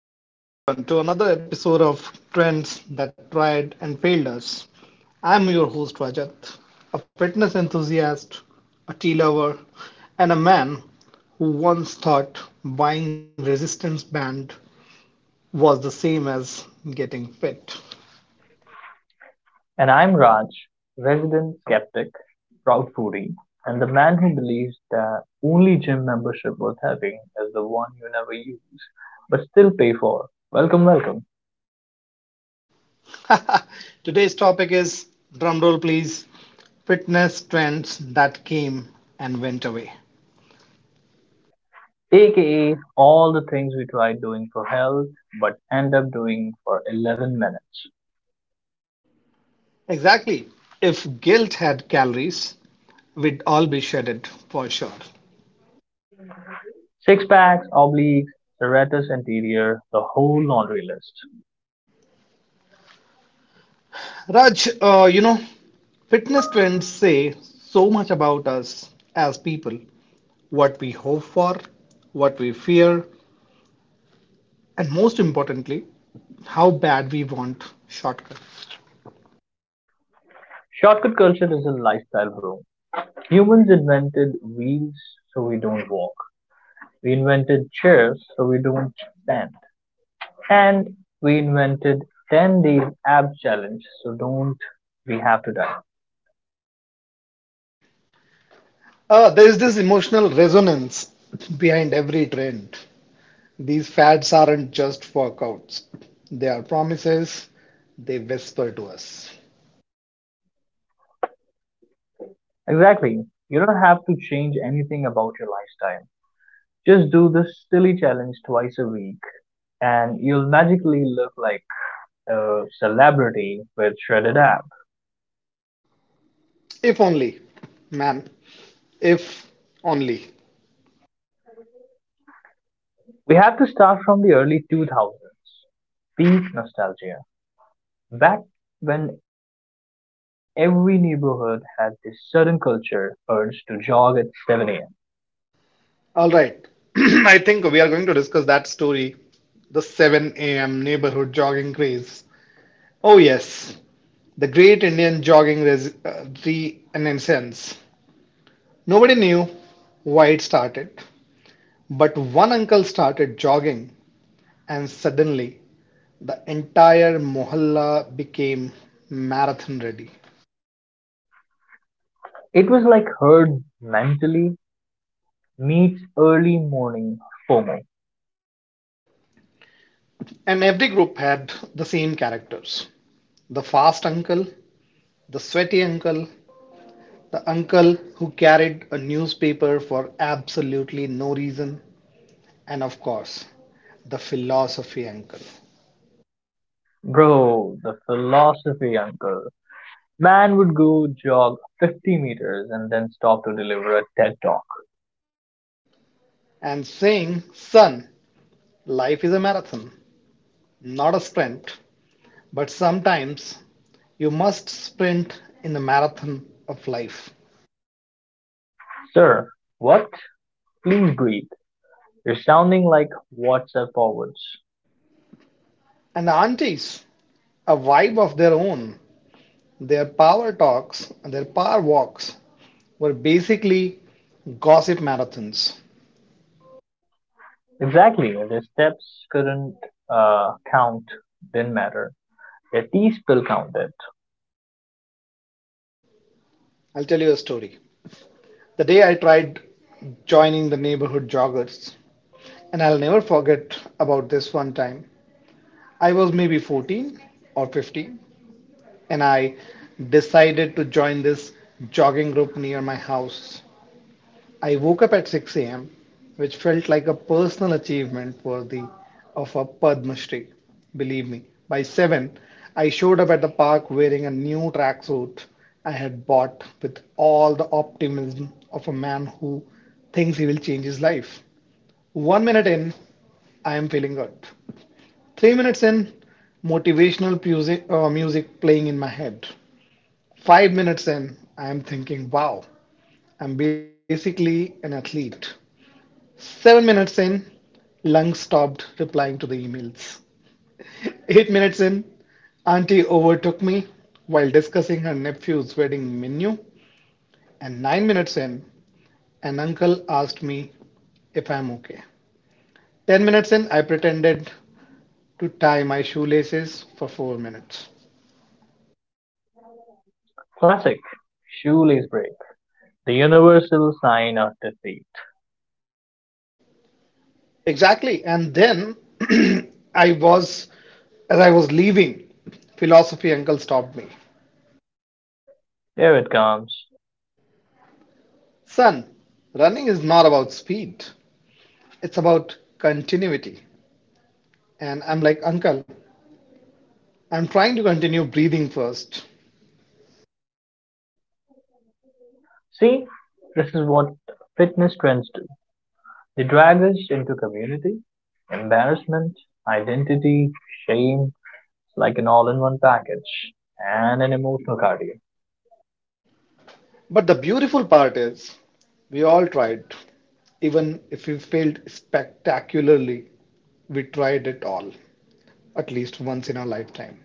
Welcome back, everyone, to another episode of Trends That Tried and Failed Us. I'm your host, Rajat, a fitness enthusiast, a tea lover, and a man who once thought buying resistance band was the same as getting fit. And I'm Raj, resident skeptic, proud foodie, and the man who believes that only gym membership worth having is the one you never use but still pay for. Welcome, welcome. Today's topic is drumroll, please, fitness trends that came and went away. AKA all the things we try doing for health but end up doing for 11 minutes. Exactly. If guilt had calories, we'd all be shredded for sure. Six packs, obliques, serratus anterior, the whole laundry list. Raj, fitness trends say so much about us as people, what we hope for, what we fear, and most importantly, how bad we want shortcuts. Shortcut culture is a lifestyle boom. Humans invented wheels so we don't walk. We invented chairs so we don't stand. And we invented 10 days ab challenge so don't we have to die. There is this emotional resonance behind every trend. These fads aren't just workouts, they are promises, they whisper to us. Exactly. You don't have to change anything about your lifestyle. Just do this silly challenge twice a week and you'll magically look like a celebrity with shredded abs. If only, man, if only. We have to start from the early 2000s. Peak nostalgia. Back when every neighborhood had this sudden culture urge to jog at 7 a.m. All right. I think we are going to discuss that story, the 7 a.m. neighborhood jogging craze. Oh, yes, the great Indian jogging renaissance. Nobody knew why it started, but one uncle started jogging, and suddenly the entire mohalla became marathon ready. It was like herd mentally meets early morning FOMO. And every group had the same characters: the fast uncle, the sweaty uncle, the uncle who carried a newspaper for absolutely no reason, and of course, the philosophy uncle. Bro, the philosophy uncle. Man would go jog 50 meters and then stop to deliver a TED talk. And saying, son, life is a marathon, not a sprint, but sometimes you must sprint in the marathon of life. Sir, what? Please breathe. You're sounding like WhatsApp forwards. And the aunties, a vibe of their own. Their power talks and their power walks were basically gossip marathons. Exactly. Their steps couldn't count, didn't matter. Their tea spill counted. I'll tell you a story, the day I tried joining the neighborhood joggers. And I'll never forget about this one time. I was maybe 14 or 15, and I decided to join this jogging group near my house. I woke up at 6 a.m., which felt like a personal achievement worthy of a Padma Shri. Believe me, by 7, I showed up at the park wearing a new tracksuit I had bought with all the optimism of a man who thinks he will change his life. One minute in, I am feeling good. 3 minutes in, motivational music playing in my head. 5 minutes in, I am thinking, wow, I'm basically an athlete. 7 minutes in, lung stopped replying to the emails. 8 minutes in, auntie overtook me while discussing her nephew's wedding menu. And 9 minutes in, an uncle asked me if I'm okay. 10 minutes in, I pretended to tie my shoelaces for 4 minutes. Classic. Shoelace break. The universal sign of defeat. Exactly. And then I was, as I was leaving, philosophy uncle stopped me. Here it comes. Son, running is not about speed. It's about continuity. And I'm like, Uncle, I'm trying to continue breathing first. See, this is what fitness trends do. They drag us into community, embarrassment, identity, shame. It's like an all in one package and an emotional cardio. But the beautiful part is, we all tried. Even if we failed spectacularly, we tried it all, at least once in our lifetime.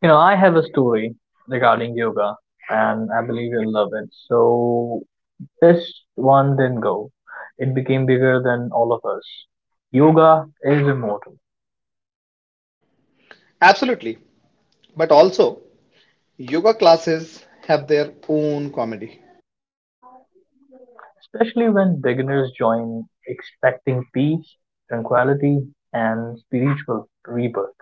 You know, I have a story regarding yoga and I believe you'll love it. So, this one didn't go, it became bigger than all of us. Yoga is immortal, Absolutely. But also, yoga classes have their own comedy. especially when beginners join expecting peace, tranquility, and spiritual rebirth,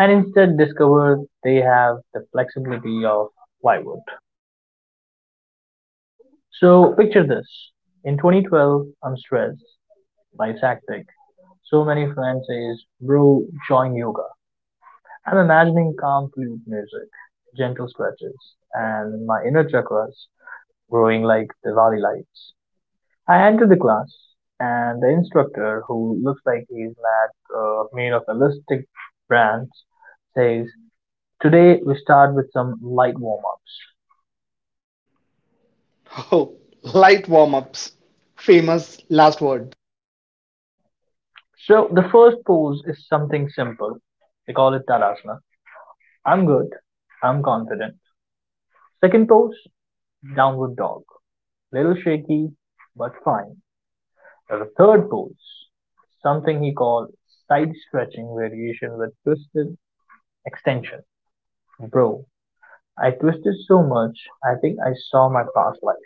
and instead discover they have the flexibility of plywood. So picture this. In 2012, I'm stressed. Life's hectic. So many friends says, bro, join yoga. I'm imagining calm flute music, gentle stretches, and my inner chakras growing like Diwali lights. I enter the class, and the instructor, who looks like made of elastic bands, says, today we start with some light warm-ups. Oh, light warm ups. Famous last word. So the first pose is something simple. They call it Tadasana. I'm good. I'm confident. Second pose, downward dog. Little shaky, but fine. Now the third pose, something he called side stretching variation with twisted extension. Bro, I twisted so much, I think I saw my past life.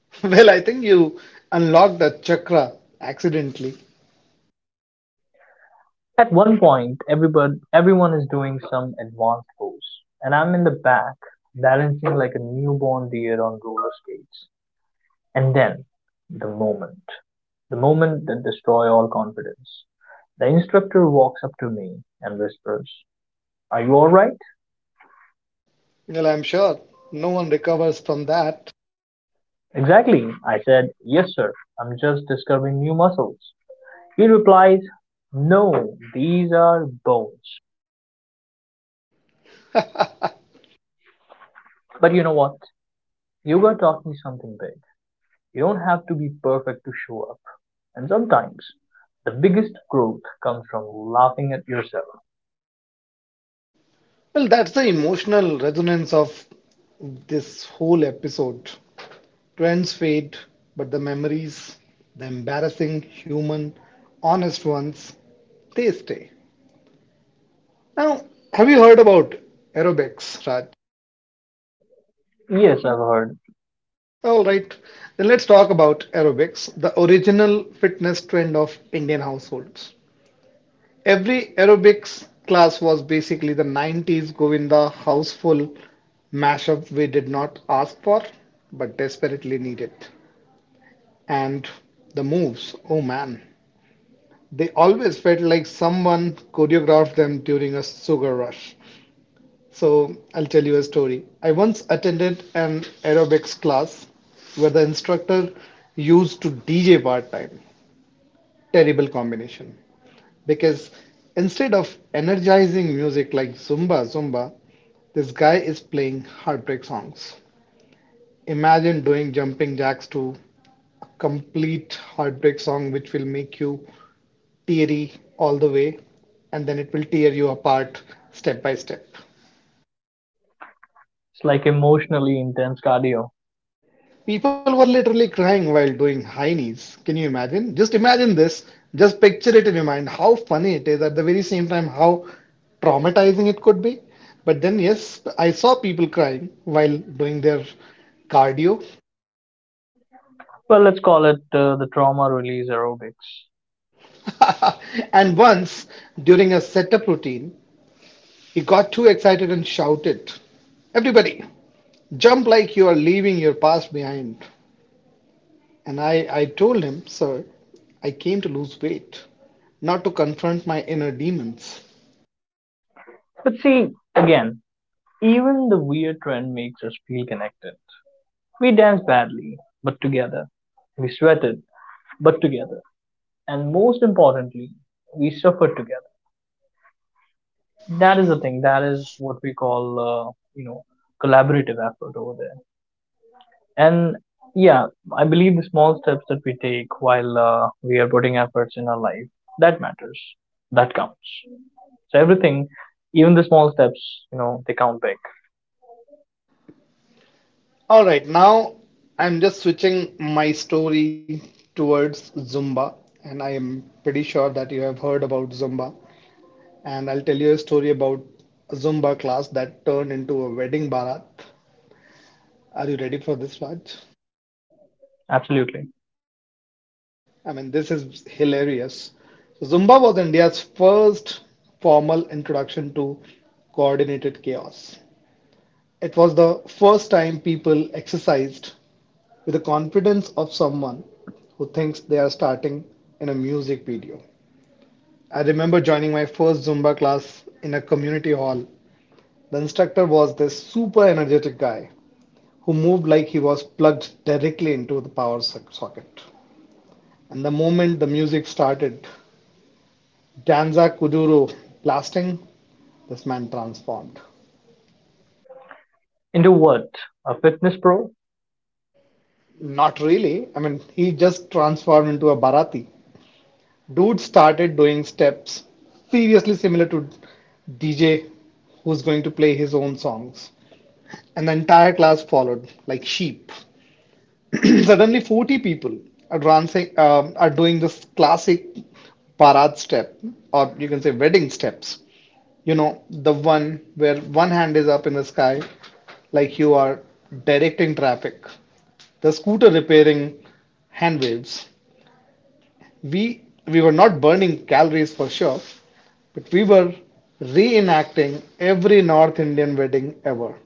Well, I think you unlocked the chakra accidentally. At one point, everyone is doing some advanced pose, and I'm in the back, balancing like a newborn deer on roller skates. And then the moment, the moment that destroy all confidence. The instructor walks up to me and whispers, are you all right? Well, I'm sure no one recovers from that. Exactly. I said, yes, sir. I'm just discovering new muscles. He replies, no, these are bones. But you know what? Yoga taught me something big. You don't have to be perfect to show up. And sometimes the biggest growth comes from laughing at yourself. Well, that's the emotional resonance of this whole episode. Trends fade, but the memories, the embarrassing, human, honest ones, they stay. Now, have you heard about aerobics, Raj? Yes, I've heard. All right, then let's talk about aerobics, the original fitness trend of Indian households. Every aerobics class was basically the 90s Govinda houseful mashup we did not ask for but desperately needed. And the moves, oh man, they always felt like someone choreographed them during a sugar rush. So I'll tell you a story. I once attended an aerobics class where the instructor used to DJ part time. Terrible combination. Because instead of energizing music like Zumba Zumba, this guy is playing heartbreak songs. Imagine doing jumping jacks to a complete heartbreak song which will make you teary all the way and then it will tear you apart step by step. It's like emotionally intense cardio. People were literally crying while doing high knees. Can you imagine? Just imagine this. Just picture it in your mind. How funny it is. At the very same time, how traumatizing it could be. But then, yes, I saw people crying while doing their cardio. Well, let's call it the trauma release aerobics. And once, during a setup routine, he got too excited and shouted, everybody, jump like you are leaving your past behind. And I told him, sir, I came to lose weight, not to confront my inner demons. But see, again, even the weird trend makes us feel connected. We dance badly, but together. We sweated, but together. And most importantly, we suffered together. That is the thing. That is what we call, collaborative effort over there. And yeah, I believe the small steps that we take while we are putting efforts in our life, that matters. That counts. So everything, even the small steps, you know, they count big. All right, now I'm just switching my story towards Zumba, and I am pretty sure that you have heard about Zumba. And I'll tell you a story about a Zumba class that turned into a wedding barat. Are you ready for this, Raj? Absolutely. I mean, this is hilarious. So Zumba was India's first formal introduction to coordinated chaos. It was the first time people exercised with the confidence of someone who thinks they are starting in a music video. I remember joining my first Zumba class in a community hall. The instructor was this super energetic guy who moved like he was plugged directly into the power socket. And the moment the music started, Danza Kuduro blasting, this man transformed. Into what? A fitness pro? Not really. I mean, he just transformed into a Bharati. Dude started doing steps seriously similar to DJ who's going to play his own songs. And the entire class followed like sheep. Suddenly 40 people are doing this classic Bharat step, or you can say wedding steps. You know, the one where one hand is up in the sky like you are directing traffic. The scooter repairing hand waves, we were not burning calories for sure, but we were reenacting every North Indian wedding ever.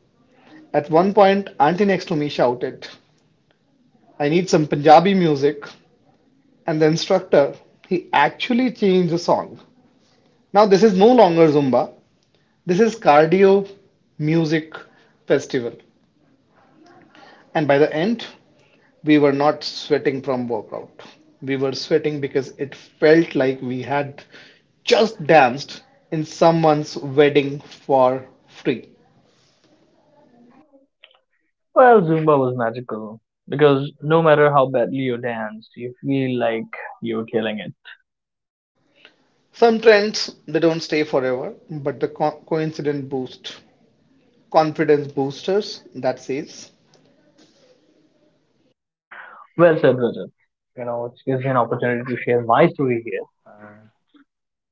At one point, auntie next to me shouted, "I need some Punjabi music," and the instructor he actually changed the song. Now this is no longer Zumba. This is cardio music festival. And by the end, we were not sweating from workout. We were sweating because it felt like we had just danced in someone's wedding for free. Well, Zumba was magical because no matter how badly you danced, you feel like you're killing it. Some trends they don't stay forever, but the coincident boost, confidence boosters, that says, Well said, Rajat. You know, it gives me an opportunity to share my story here.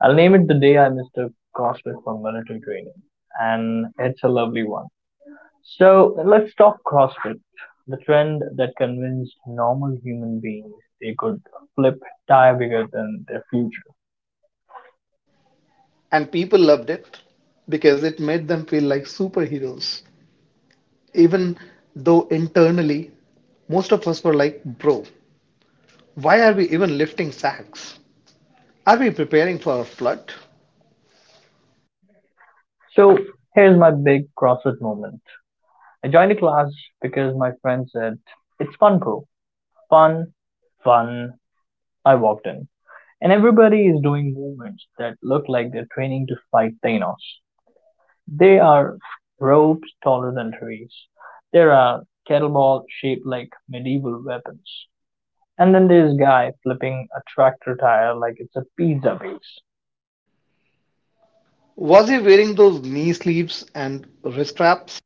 I'll name it the day I mistook CrossFit for military training, and it's a lovely one. So let's talk CrossFit, the trend that convinced normal human beings they could flip tire bigger than their future. and people loved it because it made them feel like superheroes. Even though internally, most of us were like, bro, why are we even lifting sacks? Are we preparing for a flood? So here's my big CrossFit moment. I joined a class because my friend said, it's fun, bro. Fun, fun. I walked in. And everybody is doing movements that look like they're training to fight Thanos. They are ropes taller than trees. There are kettlebell shaped like medieval weapons. And then there's guy flipping a tractor tire like it's a pizza base. Was he wearing those knee sleeves and wrist wraps?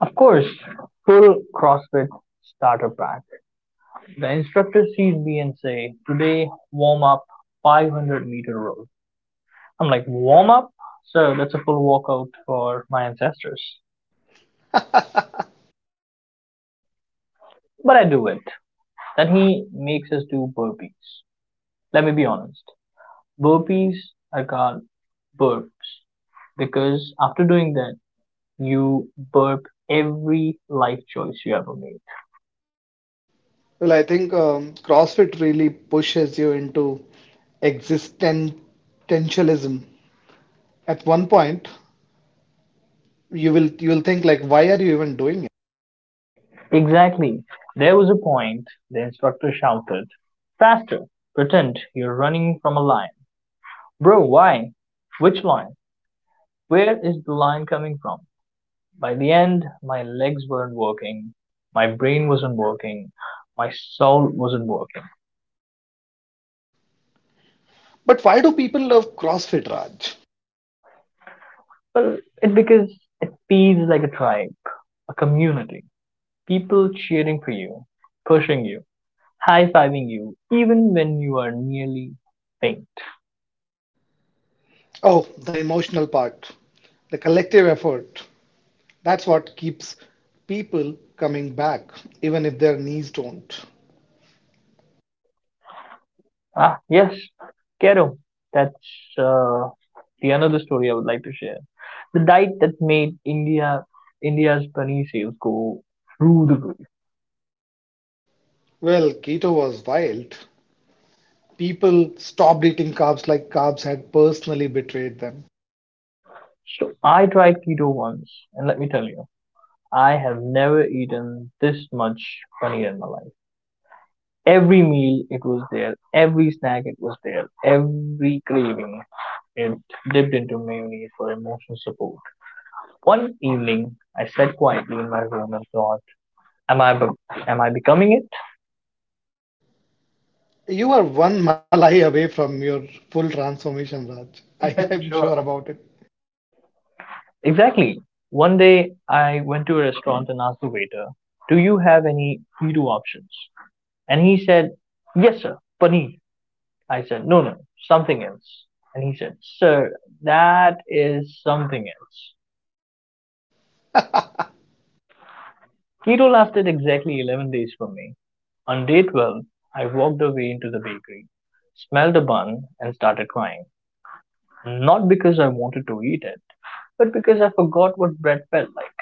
Of course, full CrossFit starter pack. The instructor sees me and say, "Today, warm up 500-meter row." I'm like, "Warm up? So that's a full workout for my ancestors." But I do it. Then he makes us do burpees. Let me be honest. Burpees are called burps because after doing that, you burp every life choice you ever made. Well, I think CrossFit really pushes you into existentialism. At one point, you will think like, why are you even doing it? Exactly. There was a point the instructor shouted, faster! Pretend you're running from a lion. Bro, why? Which lion? Where is the lion coming from? By the end, my legs weren't working, my brain wasn't working, my soul wasn't working. But why do people love CrossFit, Raj? Well, it because it feels like a tribe, a community. People cheering for you, pushing you, high fiving you, even when you are nearly faint. Oh, the emotional part, the collective effort. That's what keeps people coming back, even if their knees don't. Ah, yes, Kero. That's the another story I would like to share. The diet that made India's bunny sales go through the roof. Well, keto was wild. People stopped eating carbs like carbs had personally betrayed them. So I tried keto once, and let me tell you, I have never eaten this much paneer in my life. Every meal it was there, every snack it was there, every craving it dipped into mayonnaise for emotional support. One evening, I sat quietly in my room and thought, am I becoming it?" You are one malai away from your full transformation, Raj. I I am am sure sure. about it. Exactly. One day I went to a restaurant and asked the waiter, do you have any Fido options? And he said, yes, sir, paneer. I said, no, no, something else. And he said, sir, that is something else. Keto lasted exactly 11 days for me. On day 12, I walked away into the bakery, smelled a bun, and started crying. Not because I wanted to eat it, but because I forgot what bread felt like.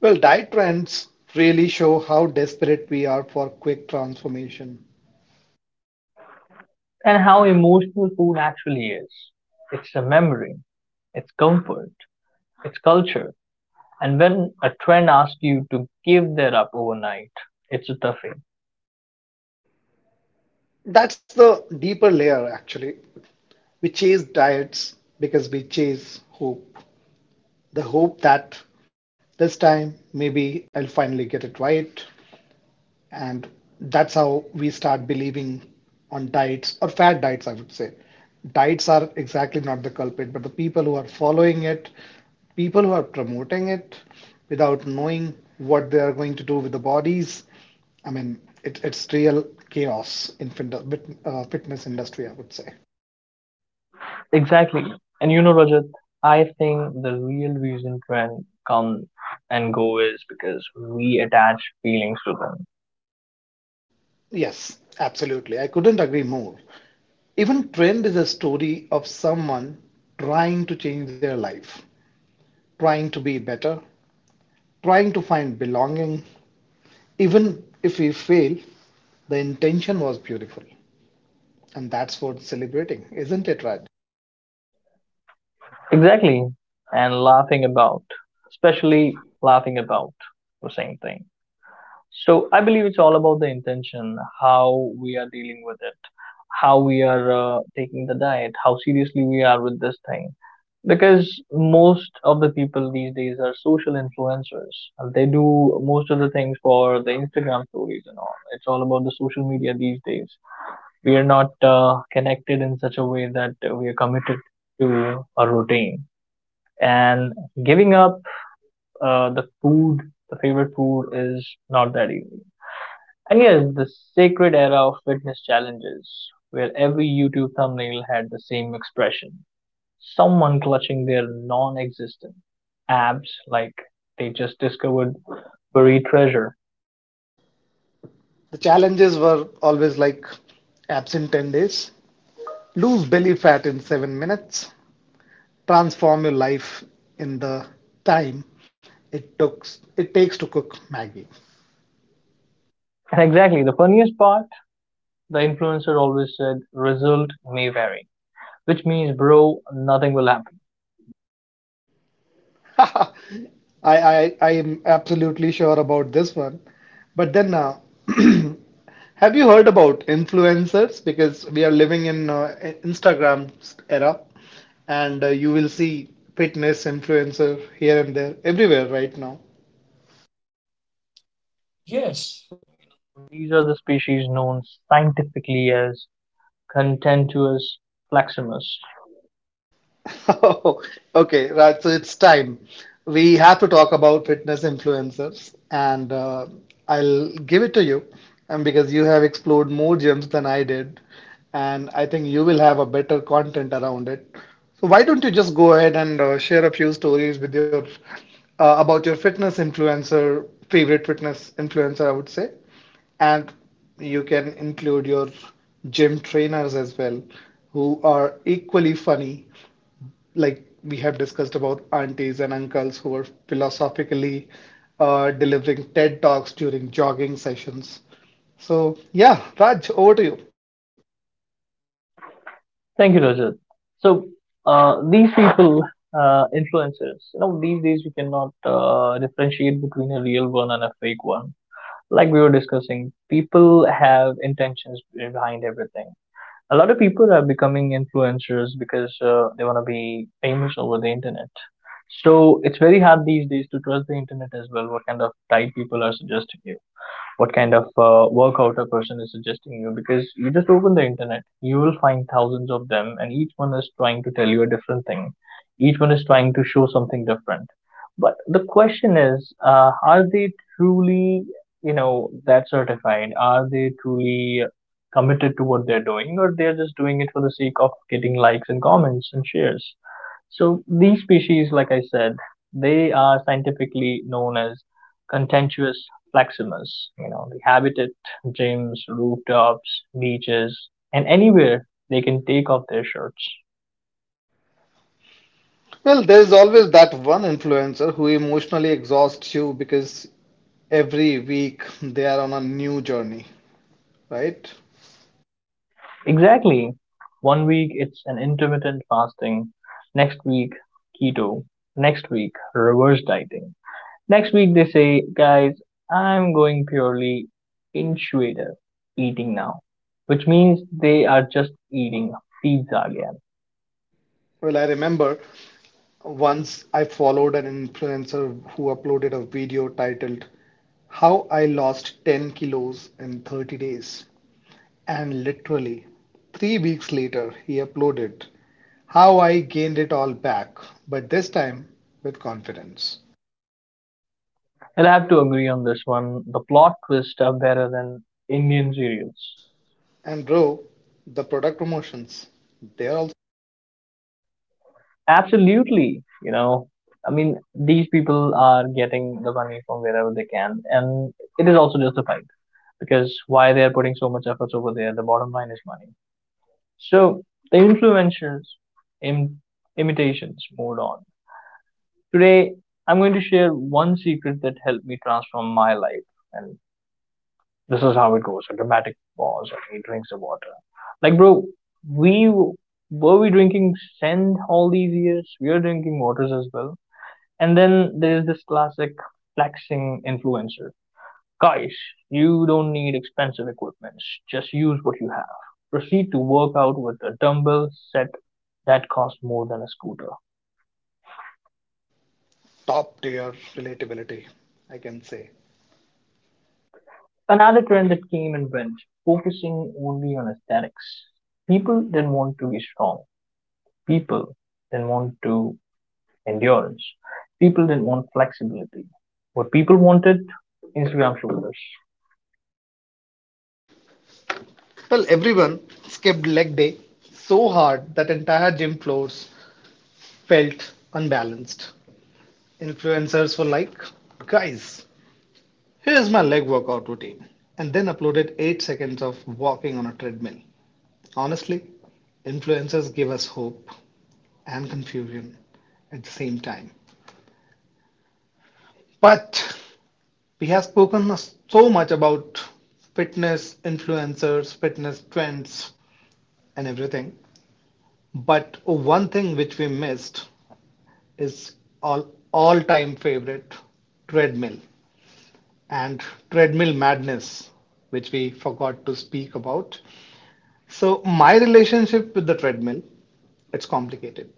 Well, diet trends really show how desperate we are for quick transformation. And how emotional food actually is. It's a memory, it's comfort, it's culture. And when a trend asks you to give that up overnight, it's a toughie. That's the deeper layer, actually. We chase diets because we chase hope. The hope that this time maybe I'll finally get it right, and that's how we start believing on diets or fad diets, I would say. Diets are exactly not the culprit, but the people who are following it, people who are promoting it without knowing what they are going to do with the bodies. I mean, it's real chaos in fitness industry, I would say. Exactly. And you know, Rajat, I think the real reason trends come and go is because we attach feelings to them. Yes, absolutely. I couldn't agree more. Even trend is a story of someone trying to change their life, trying to be better, trying to find belonging. Even if we fail, the intention was beautiful. And that's worth celebrating, isn't it, Raj? Exactly. And laughing about, especially laughing about the same thing. So I believe it's all about the intention, how we are dealing with it, how we are taking the diet, how seriously we are with this thing. Because most of the people these days are social influencers, and they do most of the things for the Instagram stories and all. It's all about the social media these days. We are not connected in such a way that we are committed to a routine. And giving up the food, the favorite food, is not that easy. And yes, the sacred era of fitness challenges, where every YouTube thumbnail had the same expression, someone clutching their non existent abs like they just discovered buried treasure. The challenges were always like absent 10 days, lose belly fat in 7 minutes, transform your life in the time it took it takes to cook Maggie. And exactly, the funniest part, the influencer always said, result may vary, which means, bro, nothing will happen. I am absolutely sure about this one. But then, have you heard about influencers? Because we are living in Instagram's era, and you will see fitness influencer here and there, everywhere right now. Typically as contentious fleximus. Oh, okay, right. So it's time. We have to talk about fitness influencers, and I'll give it to you, because you have explored more gyms than I did, and I think you will have a better content around it. So why don't you just go ahead and share a few stories with your about your fitness influencer, favorite fitness influencer, I would say, and you can include your gym trainers as well, who are equally funny like we have discussed about aunties and uncles who are philosophically delivering TED Talks during jogging sessions. So, yeah, Raj, over to you. Thank you, Rajat. So these influencers, you know, these days we cannot differentiate between a real one and a fake one. Like we were discussing, people have intentions behind everything. A lot of people are becoming influencers because they want to be famous over the internet. So it's very hard these days to trust the internet as well. What kind of diet people are suggesting you? What kind of workout a person is suggesting you, because you just open the internet, you will find thousands of them and each one is trying to tell you a different thing, each one is trying to show something different. But the question is, are they truly, you know, that certified, are they truly committed to what they're doing, or they're just doing it for the sake of getting likes and comments and shares? So these species, like I said, they are scientifically known as contentious Plaximus. You know, they habitat gyms, rooftops, beaches, and anywhere they can take off their shirts. Well, there's always that one influencer who emotionally exhausts you because every week they are on a new journey, right? Exactly. One week it's an intermittent fasting, next week keto, next week reverse dieting. Next week they say, guys, I'm going purely intuitive eating now, which means they are just eating pizza again. Well, I remember once I followed an influencer who uploaded a video titled How I Lost 10 Kilos in 30 Days. And literally, 3 weeks later, he uploaded how I gained it all back, but this time with confidence. I'll have to agree on this one. The plot twists are better than Indian serials. And bro, the product promotions, they're also Absolutely. You know, I mean, these people are getting the money from wherever they can, and it is also justified because why they are putting so much efforts over there, the bottom line is money. So the influencers, Im- imitations, moved on. Today, I'm going to share one secret that helped me transform my life, and this is how it goes: a dramatic pause, and he drinks the water. Like, bro, we w- were we drinking sand all these years? We are drinking waters as well. And then there is this classic flexing influencer. Guys, you don't need expensive equipment. Just use what you have. Proceed to work out with a dumbbell set that costs more than a scooter. top tier relatability, I can say. Another trend that came and went, focusing only on aesthetics. People didn't want to be strong. People didn't want to endurance. People didn't want flexibility. What people wanted, Instagram shoulders. Well, everyone skipped leg day so hard that entire gym floors felt unbalanced. Influencers were like, guys, here's my leg workout routine, and then uploaded 8 seconds of walking on a treadmill. Honestly, influencers give us hope and confusion at the same time. But we have spoken so much about fitness influencers, fitness trends, and everything. But one thing which we missed is all all-time favorite treadmill and treadmill madness, which we forgot to speak about. So my relationship with the treadmill, it's complicated.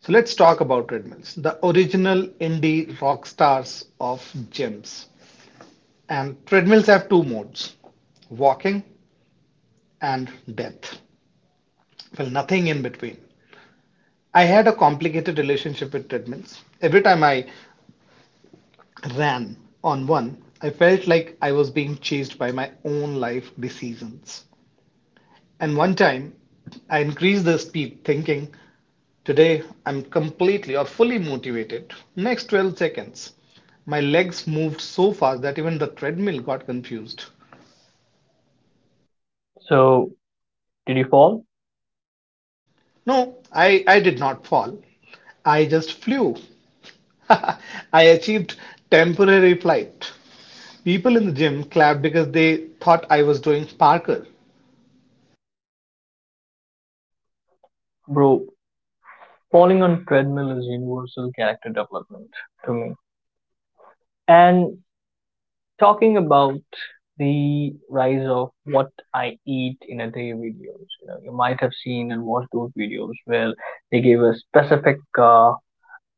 So let's talk about treadmills, the original indie rock stars of gyms. And treadmills have two modes, walking and death. Well, nothing in between. I had a complicated relationship with treadmills. Every time I ran on one, I felt like I was being chased by my own life decisions. And one time, I increased the speed thinking, today I'm completely or fully motivated. Next 12 seconds, my legs moved so fast that even the treadmill got confused. So, did you fall? No, I did not fall. I just flew. I achieved temporary flight. People in the gym clapped because they thought I was doing Parker. Bro, falling on treadmill is universal character development to me. And talking about the rise of what I eat in a day videos, you know, you might have seen and watched those videos where they gave a specific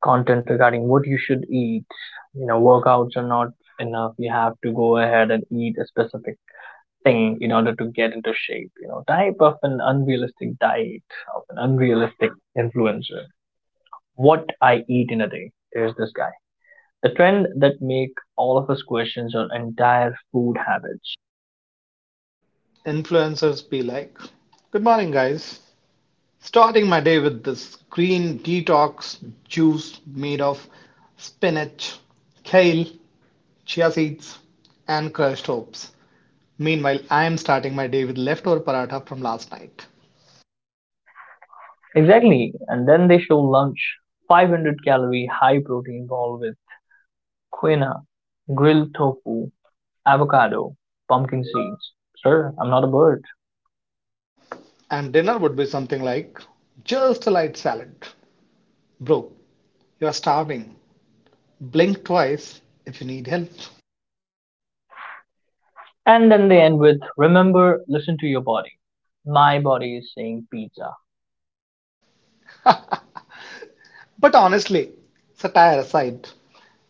content regarding what you should eat. You know, workouts are not enough. You have to go ahead and eat a specific thing in order to get into shape. You know, type of an unrealistic diet of an unrealistic influencer. What I eat in a day. There's this guy the trend that make all of us questions our entire food habits. Influencers be like, good morning, guys. Starting my day with this green detox juice made of spinach, kale, chia seeds, and crushed hops. Meanwhile, I am starting my day with leftover paratha from last night. Exactly, and then they show lunch, 500 calorie high protein bowl with quinoa, grilled tofu, avocado, pumpkin seeds. Sir, I'm not a bird. And dinner would be something like just a light salad. Bro, you are starving. Blink twice if you need help. And then they end with remember, listen to your body. My body is saying pizza. But honestly, satire aside,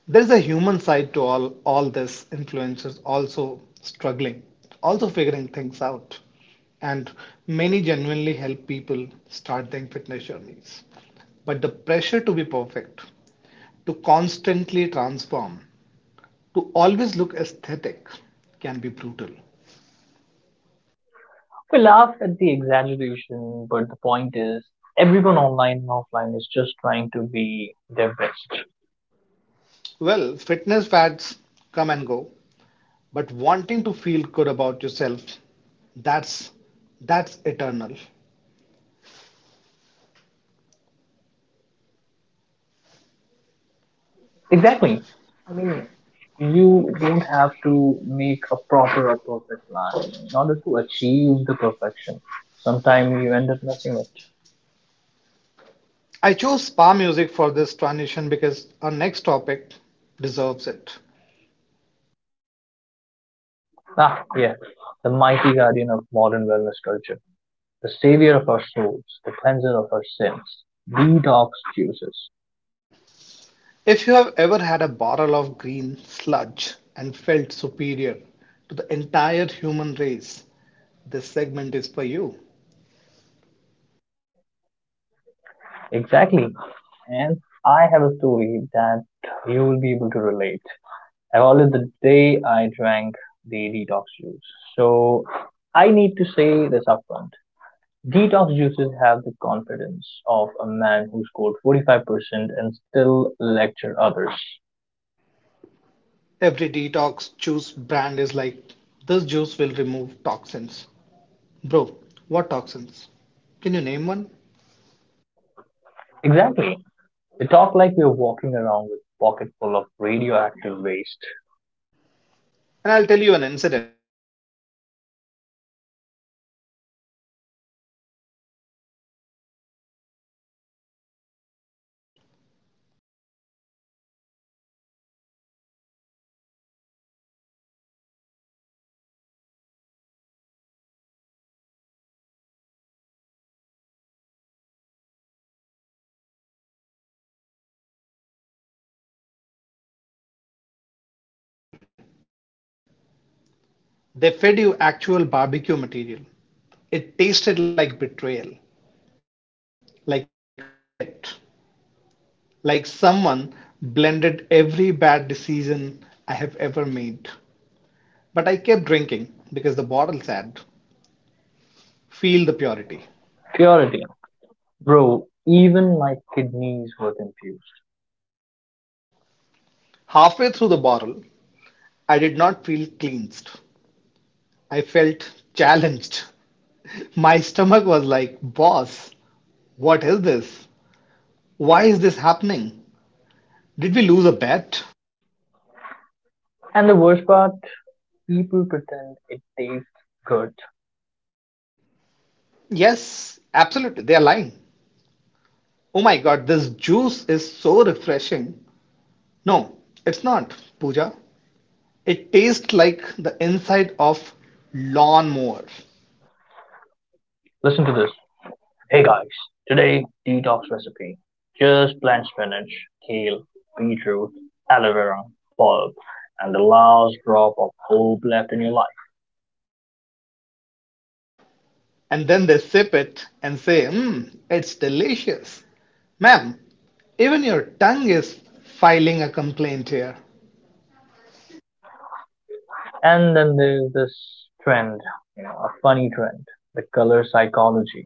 there's a human side to all this. Influencers also struggling, also figuring things out. And many genuinely help people start their fitness journeys. But the pressure to be perfect, to constantly transform, to always look aesthetic can be brutal. We laugh at the exaggeration, but the point is everyone online and offline is just trying to be their best. Well, fitness fads come and go, but wanting to feel good about yourself, that's that's eternal. Exactly. I mean, you don't have to make a proper or perfect plan in order to achieve the perfection. Sometimes you end up missing it. I chose spa music for this transition because our next topic deserves it. Ah, yeah, the mighty guardian of modern wellness culture, the savior of our souls, the cleanser of our sins, detox juices. If you have ever had a bottle of green sludge and felt superior to the entire human race, this segment is for you. Exactly. And I have a story that you will be able to relate. I call it the day I drank the detox juice. So I need to say this upfront. Detox juices have the confidence of a man who scored 45% and still lecture others. Every detox juice brand is like, this juice will remove toxins. Bro, what toxins? Can you name one? Exactly. They talk like you're walking around with a pocket full of radioactive waste. And I'll tell you an incident. I once ordered a detox true activated charcoal. They fed you actual barbecue material. It tasted like betrayal, like regret, like someone blended every bad decision I have ever made. But I kept drinking because the bottle said, feel the purity. Purity. Bro, even my kidneys were confused. Halfway through the bottle, I did not feel cleansed. I felt challenged. My stomach was like, boss, what is this? Why is this happening? Did we lose a bet? And the worst part, people pretend it tastes good. Yes, absolutely. They are lying. Oh my God, this juice is so refreshing. No, it's not, Pooja. It tastes like the inside of lawnmower. Listen to this. Hey guys, today detox recipe. Just bland spinach, kale, beetroot, aloe vera, bulb, and the last drop of hope left in your life. And then they sip it and say, mmm, it's delicious. Ma'am, even your tongue is filing a complaint here. And then there's this trend, you know, a funny trend, the color psychology,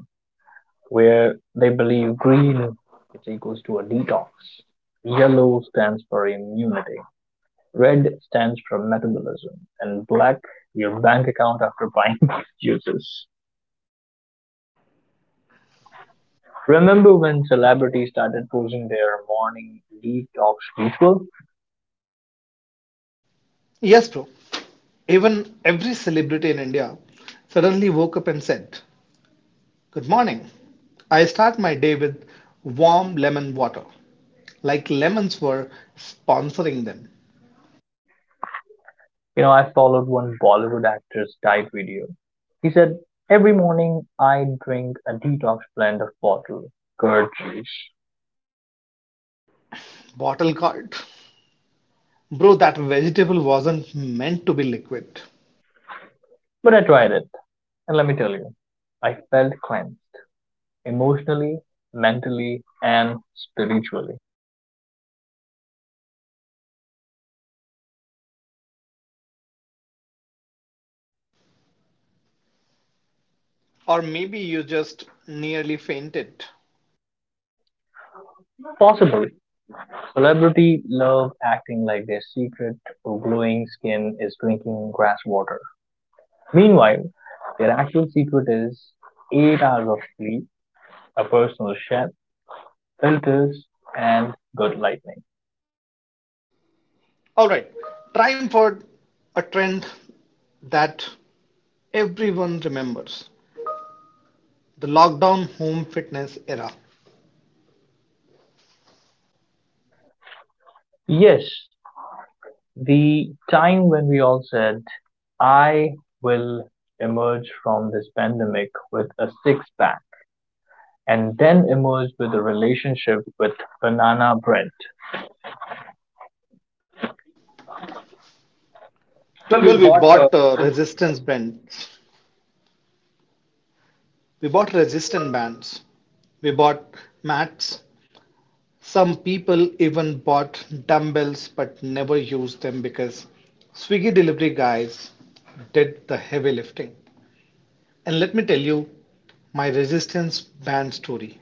where they believe green is equals to a detox. Yellow stands for immunity, red stands for metabolism, and black your bank account after buying these juices. Remember when celebrities started posing their morning leave talks ritual? Yes, bro. Even every celebrity in India suddenly woke up and said, good morning. I start my day with warm lemon water. Like lemons were sponsoring them. You know, I followed one Bollywood actor's diet video. He said, every morning I drink a detox blend of bottled curd juice. Bottle card. Bro, that vegetable wasn't meant to be liquid. But I tried it, and let me tell you, I felt cleansed emotionally, mentally, and spiritually. Or maybe you just nearly fainted. Possibly, celebrity love acting like their secret glowing skin is drinking grass water. Meanwhile, their actual secret is 8 hours of sleep, a personal chef, filters, and good lighting. All right, time for a trend that everyone remembers, the lockdown home fitness era. Yes, the time when we all said, I will emerge from this pandemic with a six pack and then emerge with a relationship with banana bread. Well, we Well, we bought the bought resistance bands, we bought resistant bands, we bought mats. Some people even bought dumbbells but never used them because Swiggy delivery guys did the heavy lifting. And let me tell you my resistance band story.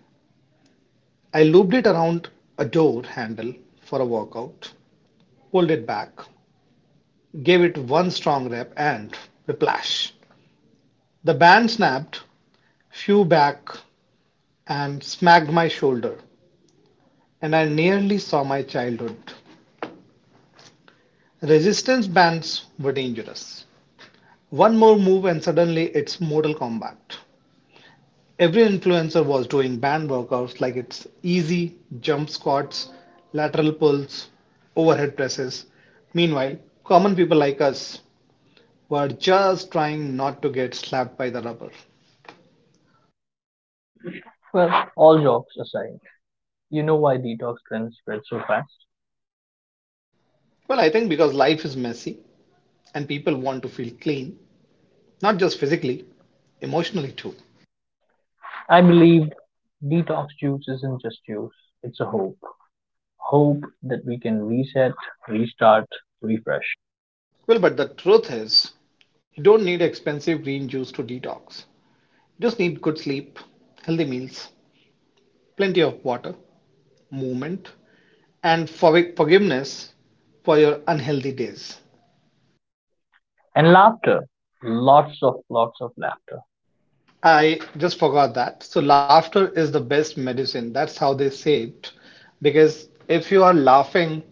I looped it around a door handle for a workout, pulled it back, gave it one strong rep, and whiplash. The band snapped, flew back, and smacked my shoulder, and I nearly saw my childhood. Resistance bands were dangerous. One more move, and suddenly it's Mortal Kombat. Every influencer was doing band workouts like it's easy, jump squats, lateral pulls, overhead presses. Meanwhile, common people like us were just trying not to get slapped by the rubber. Well, all jokes aside, you know why detox trends spread so fast? Well, I think because life is messy and people want to feel clean, not just physically, emotionally too. I believe detox juice isn't just juice, it's a hope. Hope that we can reset, restart, refresh. Well, but the truth is, you don't need expensive green juice to detox. You just need good sleep, healthy meals, plenty of water, movement, and for forgiveness for your unhealthy days. And laughter, lots of laughter I just forgot that. So laughter is the best medicine. That's how they say it. Because if you are laughing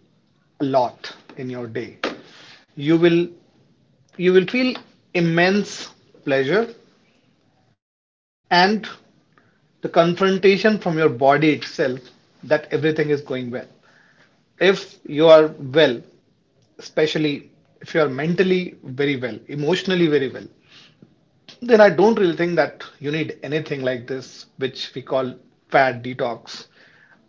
a lot in your day, you will you will feel immense pleasure and the confrontation from your body itself that everything is going well. If you are well, especially if you are mentally very well, emotionally very well, then I don't really think you need anything like this, which we call fat detox,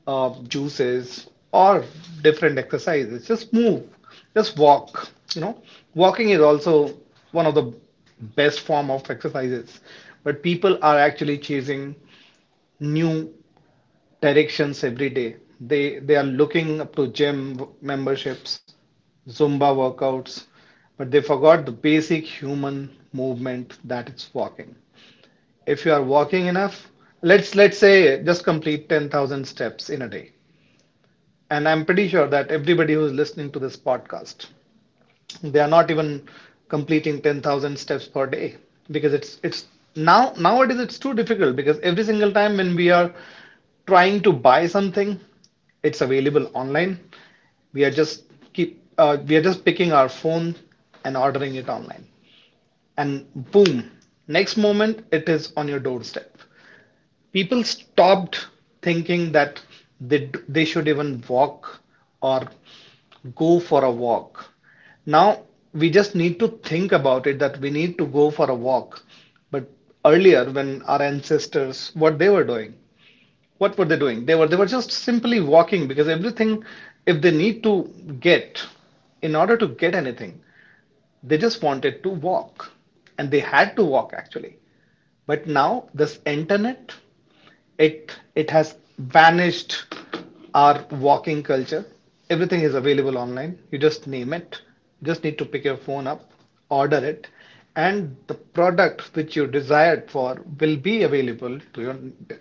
juices, or different exercises. Just move, just walk. You know, walking is also one of the best form of exercises, but people are actually chasing new directions every day. They are looking up to gym memberships, Zumba workouts, but they forgot the basic human movement that it's walking. If you are walking enough, let's say just complete 10,000 steps in a day. And I'm pretty sure that everybody who's listening to this podcast, they are not even completing 10,000 steps per day, because it's now nowadays it's too difficult, because every single time when we are trying to buy something, it's available online. We are just keep we are just picking our phone and ordering it online, and boom, next moment it is on your doorstep. People stopped thinking that they should even walk or go for a walk. Now we just need to think about it that we need to go for a walk. But earlier, when our ancestors, what they were doing, what were they doing? They were just simply walking, because everything, if they need to get, in order to get anything, they just wanted to walk, and they had to walk actually. But now this internet, it has vanished our walking culture. Everything is available online. You just name it. You just need to pick your phone up, order it, and the product which you desired for will be available to your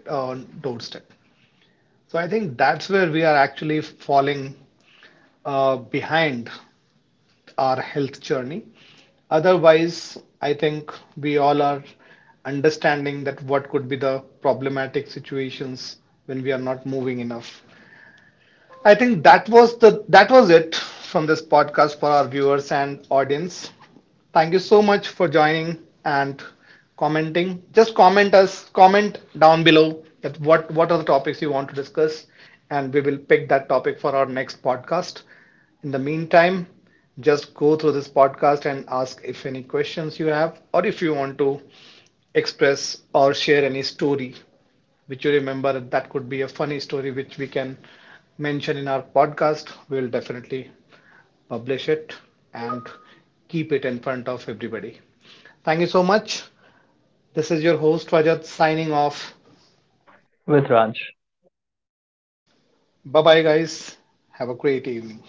uh, doorstep. So I think that's where we are actually falling behind our health journey. Otherwise, I think we all are understanding that what could be the problematic situations when we are not moving enough. I think that was it from this podcast for our viewers and audience. Thank you so much for joining and commenting. Just comment down below that what are the topics you want to discuss, and we will pick that topic for our next podcast. In the meantime, just go through this podcast and ask if any questions you have, or if you want to express or share any story which you remember, that could be a funny story which we can mention in our podcast. We'll definitely publish it and keep it in front of everybody. Thank you so much. This is your host Rajat, signing off. with Raj. Bye bye, guys. Have a great evening.